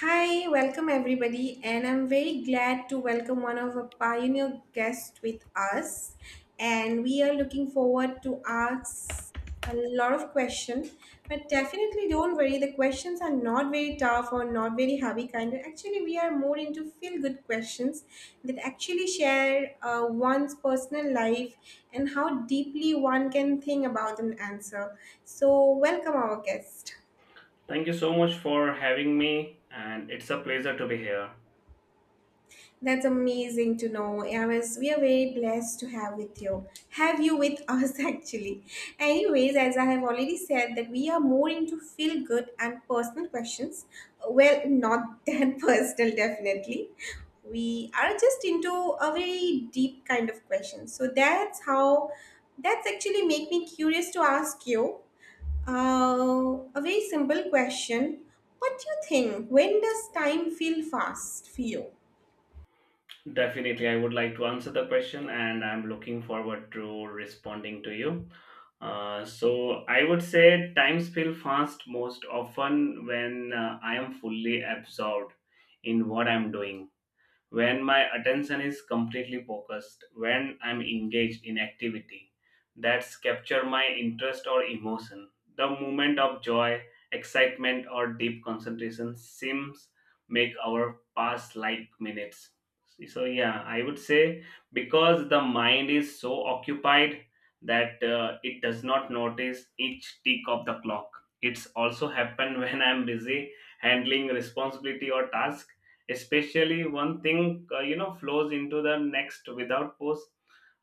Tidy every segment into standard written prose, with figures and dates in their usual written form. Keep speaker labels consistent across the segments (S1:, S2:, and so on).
S1: Hi, welcome everybody, and I'm very glad to welcome one of our pioneer guests with us. And we are looking forward to ask a lot of questions, but definitely don't worry, the questions are not very tough or not very heavy kind. Actually, we are more into feel-good questions that actually share one's personal life and how deeply one can think about an answer. So, welcome our guest.
S2: Thank you so much for having me, and it's a pleasure to be here.
S1: That's amazing to know. I was, we are very blessed to have with you, have you with us actually. Anyways, as I have already said that we are more into feel good and personal questions. Well, not that personal, definitely. We are just into a very deep kind of question. So that's how. That's actually make me curious to ask you a very simple question. What do you think? When does time feel fast for you?
S2: Definitely, I would like to answer the question, and I'm looking forward to responding to you. I would say times feel fast most often when I am fully absorbed in what I'm doing. When my attention is completely focused, when I'm engaged in activity that's capture my interest or emotion. The moment of joy, excitement or deep concentration seems make our past like minutes. So yeah, I would say because the mind is so occupied that it does not notice each tick of the clock. It's also happened when I'm busy handling responsibility or task, especially one thing flows into the next without pause.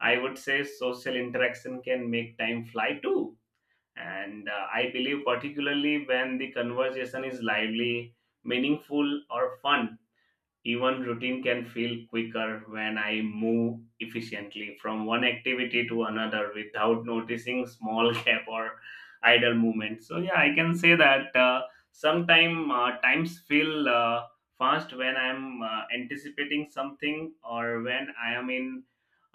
S2: I would say social interaction can make time fly too, and I believe particularly when the conversation is lively, meaningful or fun. Even routine can feel quicker when I move efficiently from one activity to another without noticing small gap or idle movement. So yeah, I can say that sometimes times feel fast when I'm anticipating something or when I am in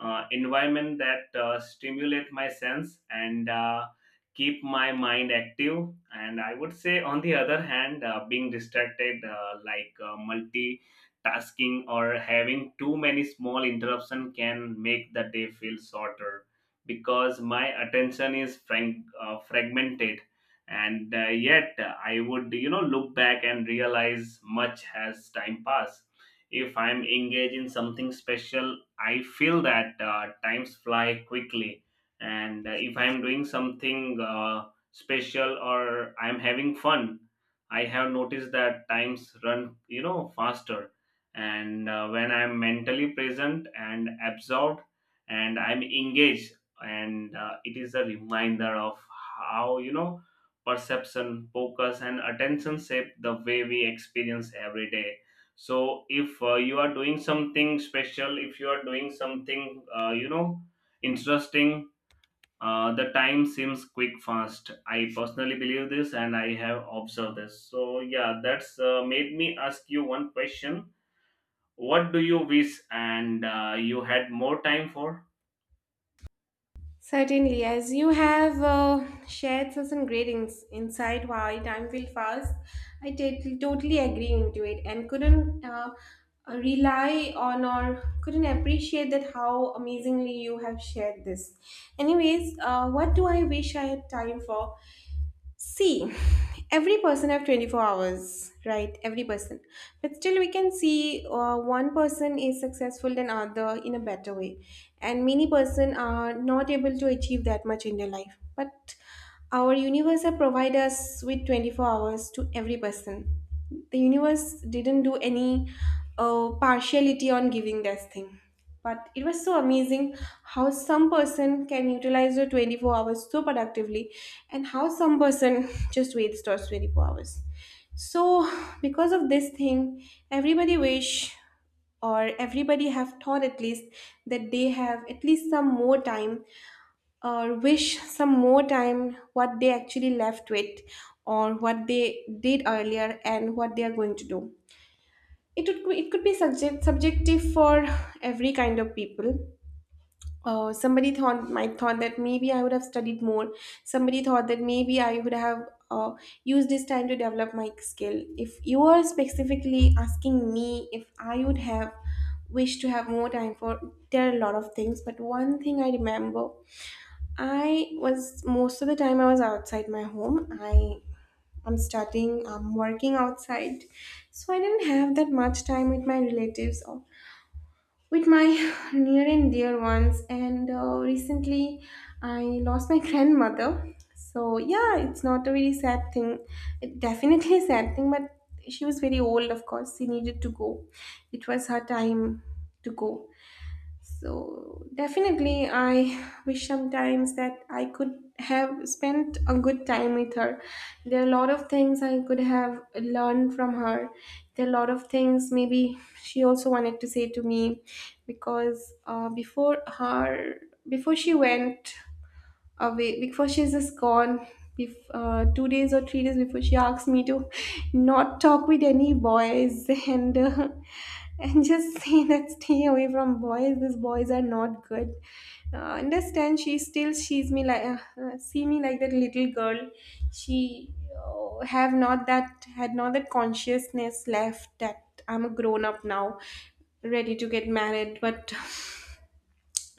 S2: environment that stimulate my sense, and keep my mind active. And I would say, on the other hand, being distracted like multi tasking or having too many small interruption can make the day feel shorter because my attention is fragmented, and yet I would look back and realize much has time passed. If I'm engaged in something special, I feel that times fly quickly, and if I'm doing something special or I'm having fun, I have noticed that times run faster, and when I'm mentally present and absorbed and I'm engaged, and it is a reminder of how perception, focus and attention shape the way we experience every day. So if you are doing something special, if you are doing something interesting, the time seems quick fast. I personally believe this and I have observed this. So yeah, that's made me ask you one question. What do you wish and you had more time for?
S1: Certainly, as you have shared such some great insight why time will fast, I did totally agree into it and couldn't rely on or couldn't appreciate that how amazingly you have shared this. Anyways, what do I wish I had time for? See, every person have 24 hours, right? Every person. But still we can see one person is successful than other in a better way. And many person are not able to achieve that much in their life. But our universe have provided us with 24 hours to every person. The universe didn't do any partiality on giving this thing. But it was so amazing how some person can utilize the 24 hours so productively and how some person just wastes those 24 hours. So because of this thing, everybody wish or everybody have thought at least that they have at least some more time or wish some more time what they actually left with or what they did earlier and what they are going to do, it would, it could be subjective for every kind of people. Somebody thought, might thought that maybe I would have studied more. Somebody thought that maybe I would have uh, used this time to develop my skill. If you are specifically asking me if I would have wished to have more time for, there are a lot of things. But one thing I remember, I was, most of the time I was outside my home. I'm studying, I'm working outside, so I didn't have that much time with my relatives, with my near and dear ones, and recently I lost my grandmother. So yeah, it's not a very sad thing, it definitely a sad thing, but she was very old, of course she needed to go, it was her time to go. So definitely, I wish sometimes that I could have spent a good time with her. There are a lot of things I could have learned from her. There are a lot of things maybe she also wanted to say to me, because before her, before she went away, before she's just gone, 2 days or 3 days before, she asked me to not talk with any boys, and and just say that stay away from boys, these boys are not good. Understand, she still sees me like see me like that little girl. She have not that, had not that consciousness left that I'm a grown up now, ready to get married, but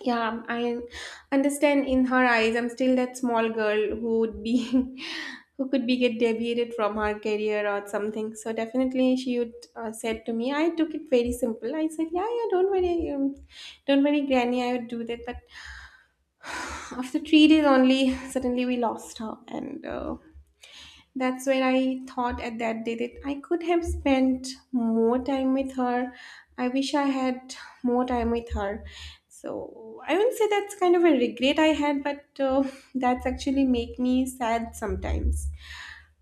S1: yeah, I understand in her eyes, I'm still that small girl who would be, who could be get deviated from her career or something. So definitely she would said to me, I took it very simple. I said, yeah, yeah, don't worry, Granny, I would do that. But after 3 days only, suddenly we lost her, and that's where I thought at that day that I could have spent more time with her. I wish I had more time with her. So I wouldn't say that's kind of a regret I had, but that's actually make me sad sometimes,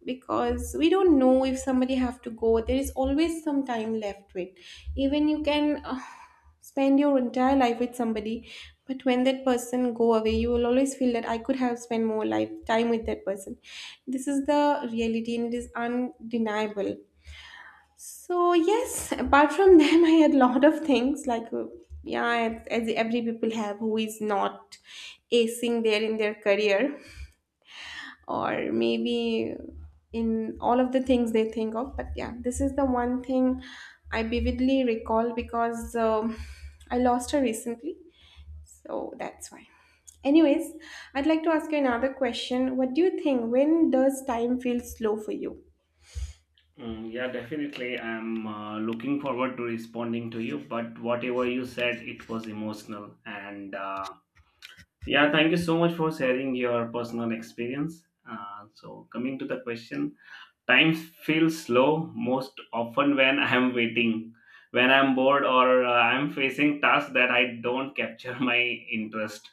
S1: because we don't know, if somebody have to go, there is always some time left with. Even you can spend your entire life with somebody, but when that person go away, you will always feel that I could have spent more life time with that person. This is the reality and it is undeniable. So yes, apart from them, I had lot of things like yeah, as every people have who is not acing there in their career, or maybe in all of the things they think of. But yeah, this is the one thing I vividly recall because I lost her recently. So that's why. Anyways, I'd like to ask you another question. What do you think? When does time feel slow for you?
S2: Mm, yeah, definitely. I'm looking forward to responding to you. But whatever you said, it was emotional. And yeah, thank you so much for sharing your personal experience. Coming to the question, time feels slow most often when I'm waiting, when I'm bored, or I'm facing tasks that I don't capture my interest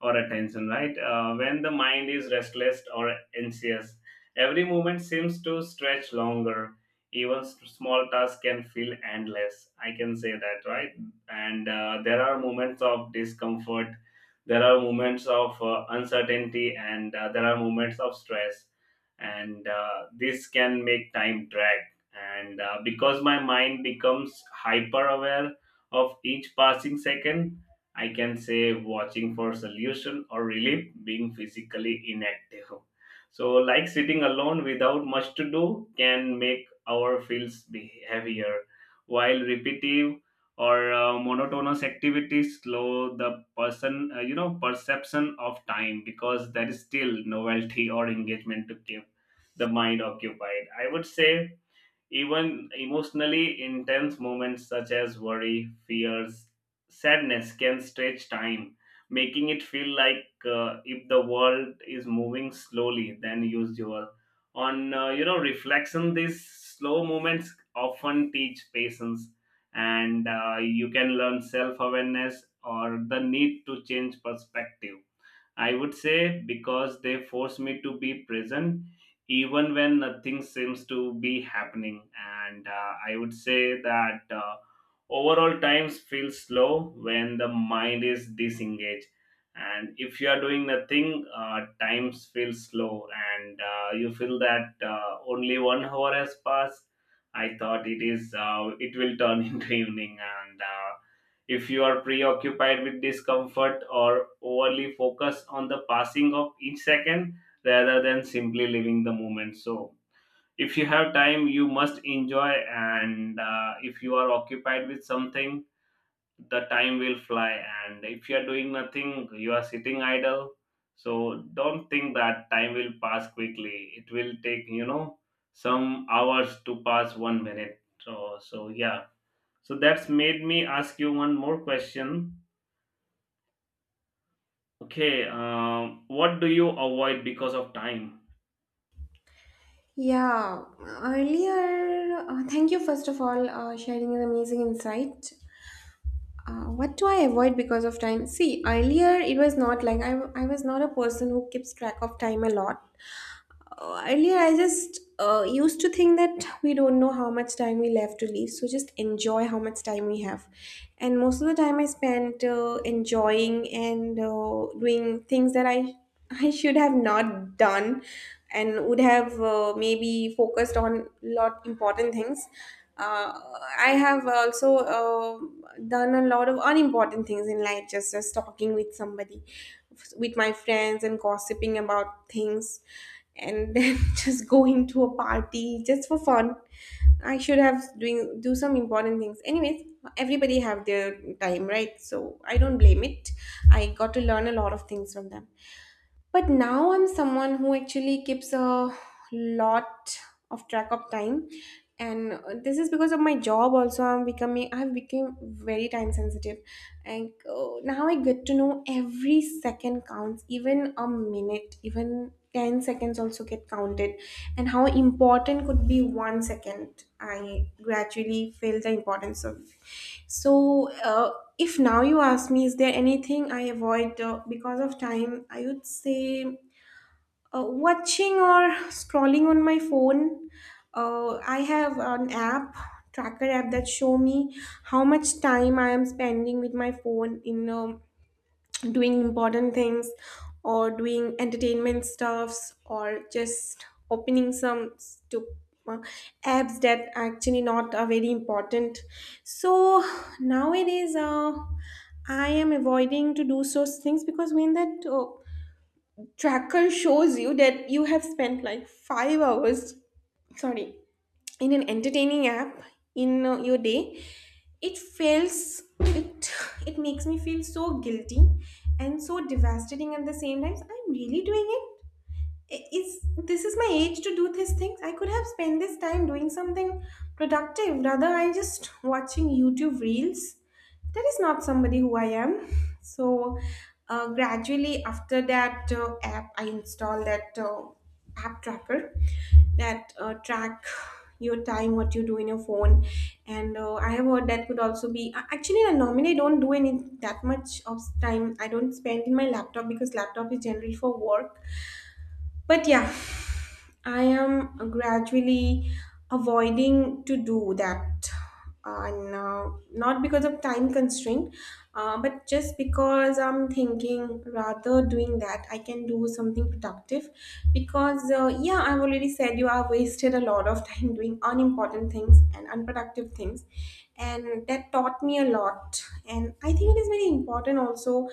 S2: or attention, right? When the mind is restless or anxious, every moment seems to stretch longer. Even small tasks can feel endless. I can say that, right? And there are moments of discomfort, there are moments of uncertainty, and there are moments of stress, and this can make time drag, and because my mind becomes hyper aware of each passing second. I can say watching for solution or relief, being physically inactive, so like sitting alone without much to do, can make our feels be heavier, while repetitive or monotonous activities slow the person perception of time, because there is still novelty or engagement to keep the mind occupied. I would say even emotionally intense moments such as worry, fears, sadness can stretch time, making it feel like if the world is moving slowly than usual. On reflection, these slow moments often teach patience, and you can learn self awareness or the need to change perspective. I would say because they force me to be present even when nothing seems to be happening. And I would say that overall times feel slow when the mind is disengaged. And if you are doing nothing, times feel slow, and you feel that only 1 hour has passed. I thought it is it will turn into evening, and if you are preoccupied with discomfort or overly focused on the passing of each second rather than simply living the moment. So, if you have time, you must enjoy, and if you are occupied with something, the time will fly. And if you are doing nothing, you are sitting idle. So, don't think that time will pass quickly. It will take, you know, some hours to pass 1 minute. So, so yeah. So that's made me ask you one more question. Okay, what do you avoid because of time?
S1: Yeah, earlier, thank you first of all sharing an amazing insight. What do I avoid because of time? See, earlier it was not like I was not a person who keeps track of time a lot. Earlier, I just used to think that we don't know how much time we left to leave, so just enjoy how much time we have. And most of the time, I spent enjoying and doing things that I I should have not done, and would have maybe focused on lot important things. uh, I have also done a lot of unimportant things in life, just as talking with somebody, with my friends, and gossiping about things, and then just going to a party just for fun. I should have doing do some important things. Anyways, everybody have their time, right? So I don't blame it. I got to learn a lot of things from them. But now I'm someone who actually keeps a lot of track of time, and this is because of my job also, I've become very time sensitive. And now I get to know every second counts, even a minute, even 10 seconds also get counted, and how important could be 1 second, I gradually feel the importance of. So, if now you ask me, is there anything I avoid because of time? I would say watching or scrolling on my phone. I have an app, tracker app that show me how much time I am spending with my phone in doing important things or doing entertainment stuffs or just opening some uh, apps that actually not are very important. So nowadays I am avoiding to do such things, because when that tracker shows you that you have spent like 5 hours, sorry, in an entertaining app in your day, it it makes me feel so guilty and so devastating at the same time. So I'm really doing it, is this is my age to do these things? I could have spent this time doing something productive, rather I just watching YouTube reels. That is not somebody who I am. So gradually after that app, I install that app tracker that track your time, what you do in your phone. And I have heard that could also be actually I normally don't do any, that much of time I don't spend in my laptop because laptop is generally for work. But yeah, I am gradually avoiding to do that. And not because of time constraint, but just because I'm thinking rather doing that, I can do something productive. Because, yeah, I've already said you are wasted a lot of time doing unimportant things and unproductive things. And that taught me a lot. And I think it is very important also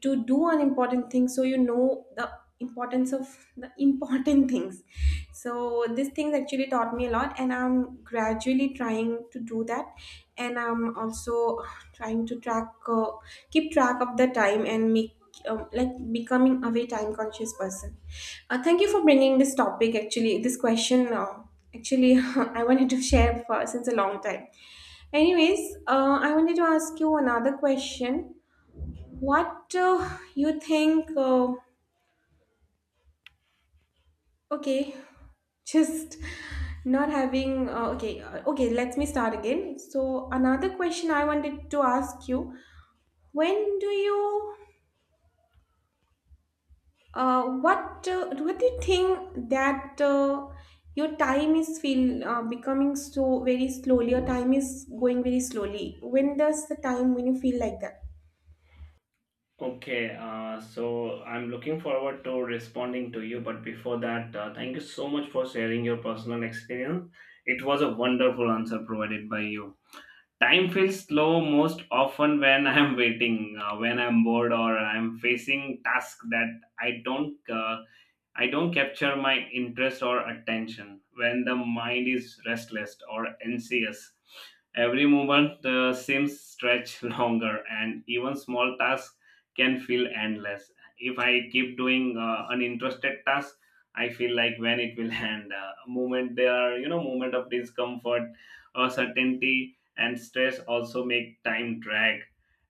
S1: to do an important thing, so you know the importance of the important things. So these things actually taught me a lot, and I'm gradually trying to do that. And I'm also trying to track keep track of the time, and make like becoming a very time conscious person. Thank you for bringing this topic, actually this question. Uh, actually I wanted to share for since a long time. Anyways, I wanted to ask you another question. What you think okay just not having okay Okay, let me start again. So another question I wanted to ask you, when do you what do you think that your time is feel becoming so very slowly your time is going very slowly? When does the time, when you feel like that?
S2: Okay, so I'm looking forward to responding to you, but before that, thank you so much for sharing your personal experience. It was a wonderful answer provided by you. Time feels slow most often when I'm waiting, when I'm bored, or I'm facing tasks that I don't capture my interest or attention when the mind is restless or anxious. Every moment seems stretch longer, and even small tasks can feel endless. If I keep doing uninterested tasks, I feel like when it will end. Moment there, are, you know, moment of discomfort, uncertainty, and stress also make time drag.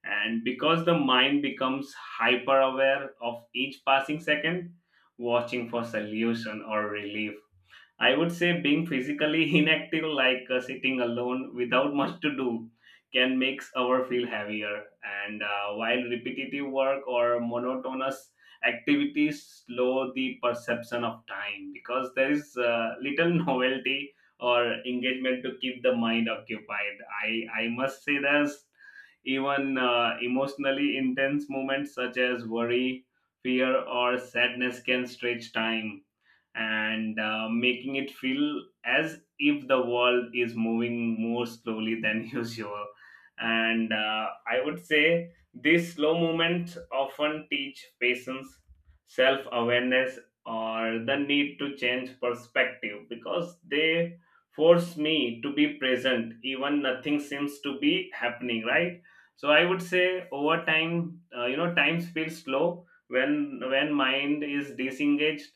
S2: And because the mind becomes hyper aware of each passing second, watching for solution or relief. I would say being physically inactive, like sitting alone without much to do, can make our feel heavier. And while repetitive work or monotonous activities slow the perception of time, because there is little novelty or engagement to keep the mind occupied. I must say there's even emotionally intense moments such as worry, fear, or sadness can stretch time, and making it feel as if the world is moving more slowly than usual. And I would say these slow movements often teach patience, self awareness, or the need to change perspective, because they force me to be present even nothing seems to be happening, right? So I would say over time times feel slow when mind is disengaged,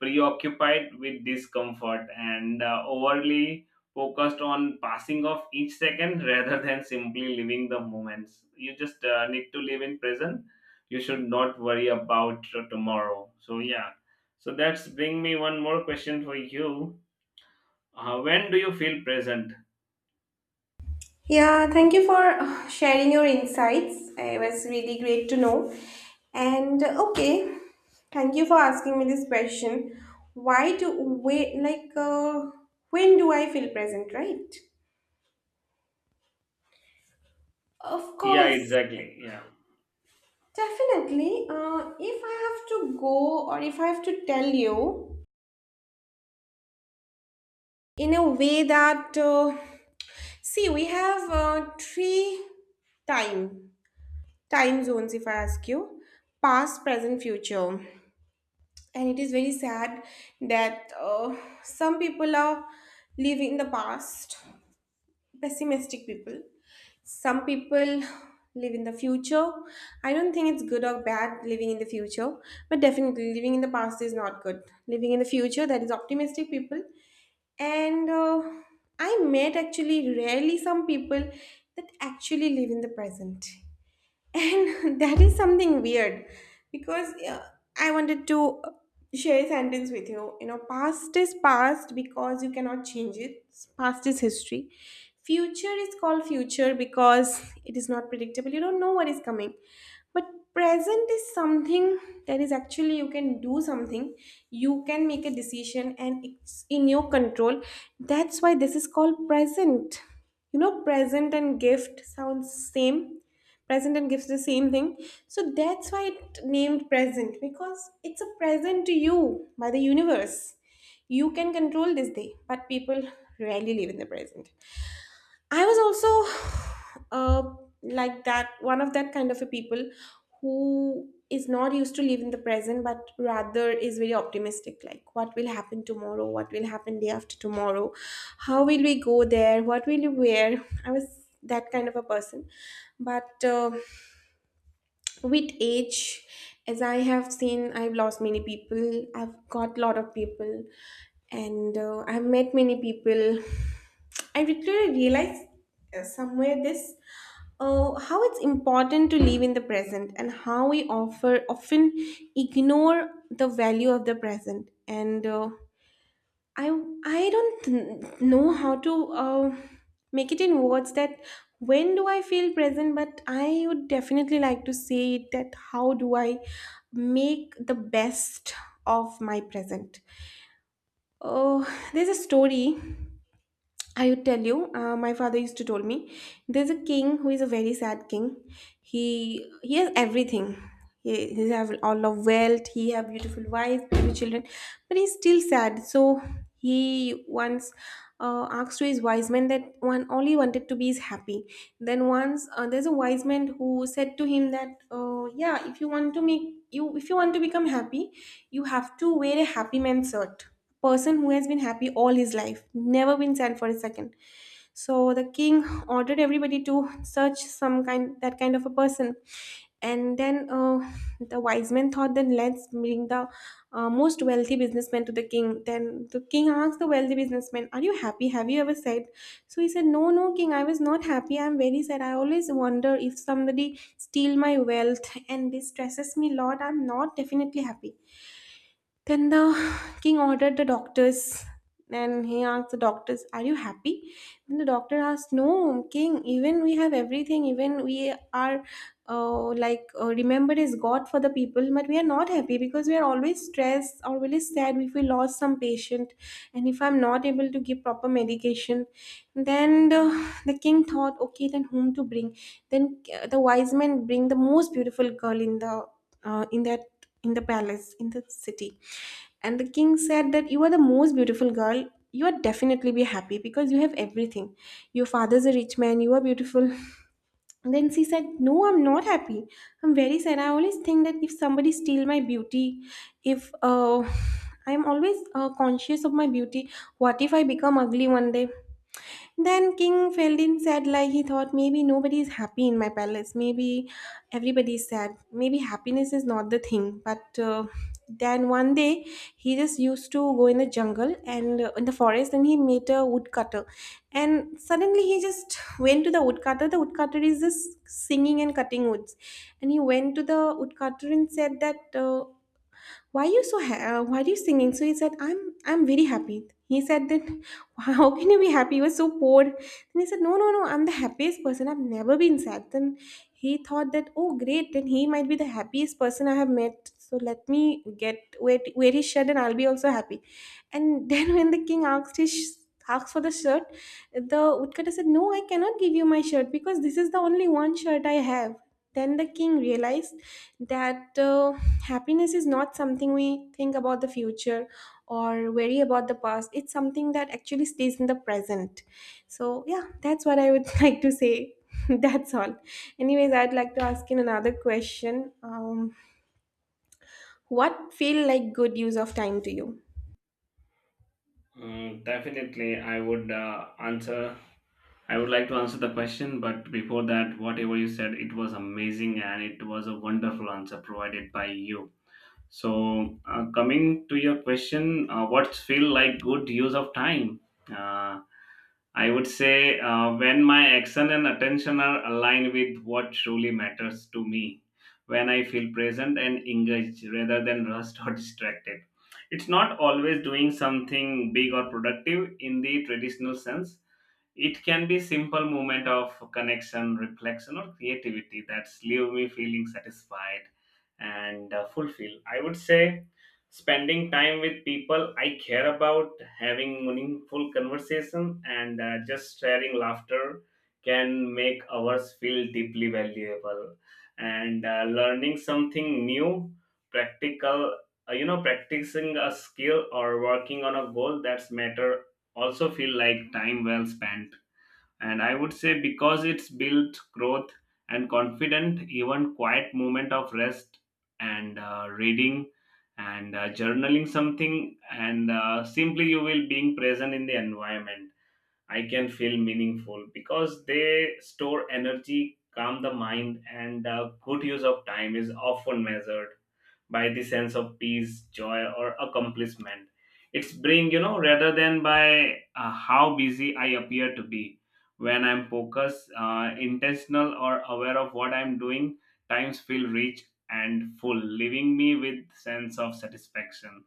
S2: preoccupied with discomfort, and overly focused on passing of each second rather than simply living the moments. You just need to live in present. You should not worry about tomorrow. So yeah, so that's bring me one more question for you. When do you feel present?
S1: Yeah, thank you for sharing your insights. It was really great to know. And okay, thank you for asking me this question. Why do we like when do I feel present, right? Of
S2: Yeah,
S1: course,
S2: exactly, yeah.
S1: definitely. If I have to go, or if I have to tell you in a way that see, we have three time time zones. If I ask you, past, present, future. And it is very sad that some people are living in the past, pessimistic people. Some people live in the future. I don't think it's good or bad living in the future, but definitely living in the past is not good. Living in the future, that is optimistic people. And I met actually rarely some people that actually live in the present, and that is something weird. Because I wanted to share a sentence with you. You know, past is past because you cannot change it, past is history. Future is called future because it is not predictable. You don't know what is coming. But present is something that is actually you can do something, you can make a decision, and it's in your control. That's why this is called present. You know, present and gift sounds same, present and gives the same thing, so that's why it named present, because it's a present to you by the universe. You can control this day, but people rarely live in the present. I was also like that, one of that kind of a people who is not used to live in the present, but rather is very optimistic, like what will happen tomorrow, what will happen day after tomorrow, how will we go there, what will we wear. I was that kind of a person. But with age, as I have seen, I've lost many people, I've got lot of people, and I've met many people. I literally realized somewhere this, how it's important to live in the present, and how we offer often ignore the value of the present. And I I don't know how to make it in words that when do I feel present, but I would definitely like to say it that how do I make the best of my present. Oh, there's a story I would tell you. My father used to told me, there's a king who is a very sad king. He has everything. He have all of wealth. He have beautiful wife, beautiful children, but he's still sad. So he once asked to his wise men that one all he wanted to be is happy. Then once, there's a wise man who said to him that, yeah, if you want to become happy, you have to wear a happy man shirt, person who has been happy all his life, never been sad for a second. So the king ordered everybody to search some kind that kind of a person. And then the wise men thought, then let's bring the most wealthy businessman to the king. Then the king asked the wealthy businessman, "Are you happy? Have you ever said?" So he said, "No, no, king. I was not happy. I'm very sad. I always wonder if somebody steal my wealth, and this stresses me a lot. I'm not definitely happy." Then the king ordered the doctors, and he asked the doctors, "Are you happy?" Then the doctor asked, "No, king, even we have everything, even we are like remembered as God for the people, but we are not happy because we are always stressed or really sad if we lost some patient, and if I'm not able to give proper medication." Then the king thought, "Okay, then whom to bring?" Then the wise men bring the most beautiful girl in the uh, in that in the palace, in the city. And the king said that, "You are the most beautiful girl, you are definitely be happy because you have everything, your father's a rich man, you are beautiful." Then she said, "No, I'm not happy. I'm very sad. I always think that if somebody steal my beauty, if I'm always conscious of my beauty. What if I become ugly one day?" Then King Feldin said, like, he thought, maybe nobody is happy in my palace. Maybe everybody is sad. Maybe happiness is not the thing. But then one day, he just used to go in the jungle, and in the forest, and he met a woodcutter. And suddenly he just went to the woodcutter. The woodcutter is just singing and cutting woods. And he went to the woodcutter and said that. Why are you singing? So he said, I'm very happy." He said that, "How can you be happy, you were so poor?" Then he said, "No, no, no, I'm the happiest person, I've never been sad." Then he thought that, oh great, then he might be the happiest person I have met, so let me get where his shirt, and I'll be also happy. And then when the king asked for the shirt, the woodcutter said, "No, I cannot give you my shirt, because this is the only one shirt I have." Then the king realized that happiness is not something we think about the future or worry about the past, it's something that actually stays in the present. So yeah, that's what I would like to say. That's all. Anyways, I'd like to ask you another question. What feel like good use of time to you?
S2: Mm, definitely I would like to answer the question, but before that, whatever you said, it was amazing and it was a wonderful answer provided by you. So, coming to your question, what feel like good use of time? Uh, I would say when my action and attention are aligned with what truly matters to me, when I feel present and engaged rather than rushed or distracted. It's not always doing something big or productive in the traditional sense. It can be simple moment of connection, reflection or creativity that's leave me feeling satisfied and fulfilled. I would say spending time with people I care about, having meaningful conversation, and just sharing laughter can make ours feel deeply valuable. And learning something new, practical, practicing a skill or working on a goal that's matter, also feel like time well spent. And I would say because it's built growth and confident, even quiet moment of rest, and reading, and journaling something, and simply you will being present in the environment. I can feel meaningful because they store energy, calm the mind, and good use of time is often measured by the sense of peace, joy, or accomplishment it's bring, rather than by how busy I appear to be. When I'm focused, intentional, or aware of what I'm doing, times feel rich and full, leaving me with sense of satisfaction.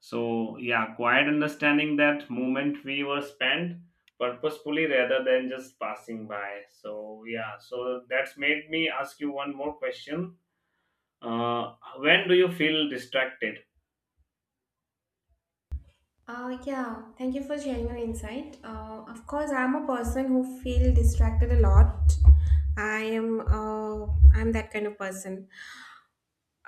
S2: So yeah, quiet understanding that moment we were spent purposefully rather than just passing by. So yeah, so that's made me ask you one more question. When do you feel distracted?
S1: Yeah, thank you for sharing your insight. Of course, I'm a person who feel distracted a lot. I am uh, I'm that kind of person.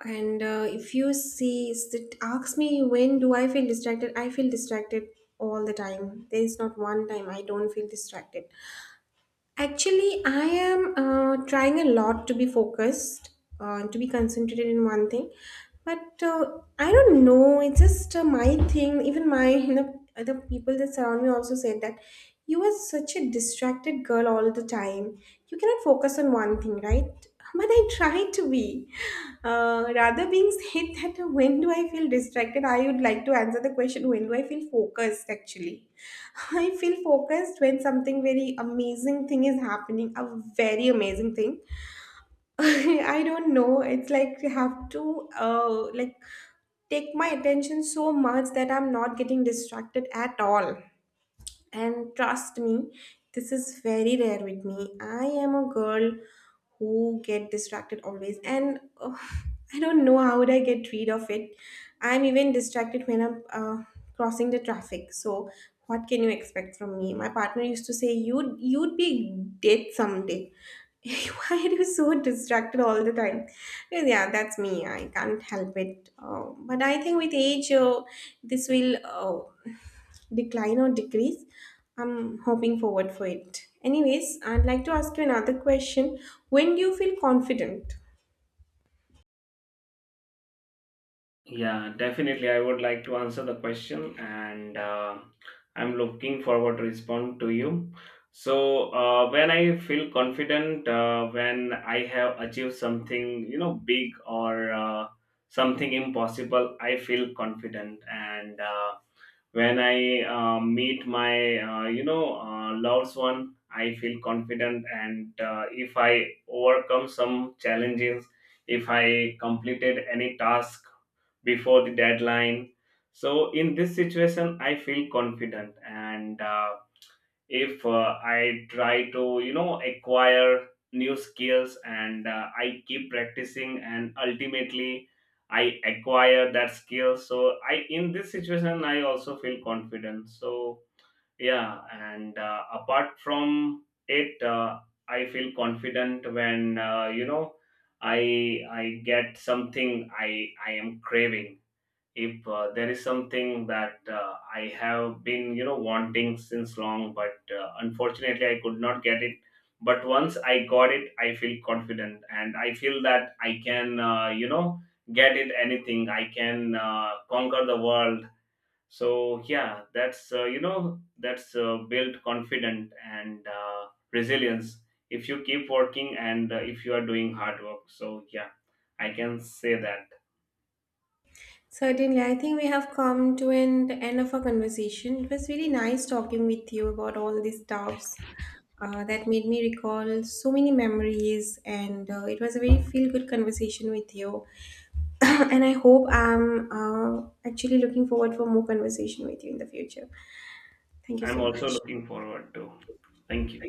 S1: And if you see, it asks me, when do I feel distracted? I feel distracted all the time. There is not one time I don't feel distracted. Actually, I am trying a lot to be focused, to be concentrated in one thing. But I don't know. It's just my thing. Even my you know, the people that surround me also said that, "You are such a distracted girl all the time. You cannot focus on one thing, right?" But I try to be. Rather being said that when do I feel distracted, I would like to answer the question when do I feel focused actually. I feel focused when something very amazing thing is happening, a very amazing thing. I don't know. It's like you have to like take my attention so much that I'm not getting distracted at all. And trust me, this is very rare with me. I am a girl who get distracted always. And oh, I don't know how would I get rid of it. I'm even distracted when I'm crossing the traffic. So what can you expect from me? My partner used to say, you'd be dead someday. Why are you so distracted all the time? Yeah, that's me. I can't help it. But I think with age, this will decline or decrease. I'm hoping forward for it. Anyways, I'd like to ask you another question. When do you feel confident?
S2: Yeah, definitely. I would like to answer the question, and I'm looking forward to respond to you. So, when I feel confident, when I have achieved something, you know, big or something impossible, I feel confident, and when I meet my loved one, I feel confident, and if I overcome some challenges, if I completed any task before the deadline, so in this situation I feel confident. And if I try to acquire new skills, and I keep practicing and ultimately I acquire that skill, so I in this situation I also feel confident. So yeah, and apart from it, I feel confident when I get something I am craving. If there is something that I have been wanting since long, but unfortunately I could not get it. But once I got it, I feel confident and I feel that I can get it anything. I can conquer the world. So yeah, that's that's built confident and resilience if you keep working, and if you are doing hard work. So yeah, I can say that.
S1: Certainly, I think we have come to an end of our conversation. It was really nice talking with you about all these stuffs. That made me recall so many memories, and it was a very feel-good conversation with you. And I hope I'm actually looking forward for more conversation with you in the future. Thank you
S2: I'm
S1: so
S2: also
S1: much.
S2: looking forward to. Thank you.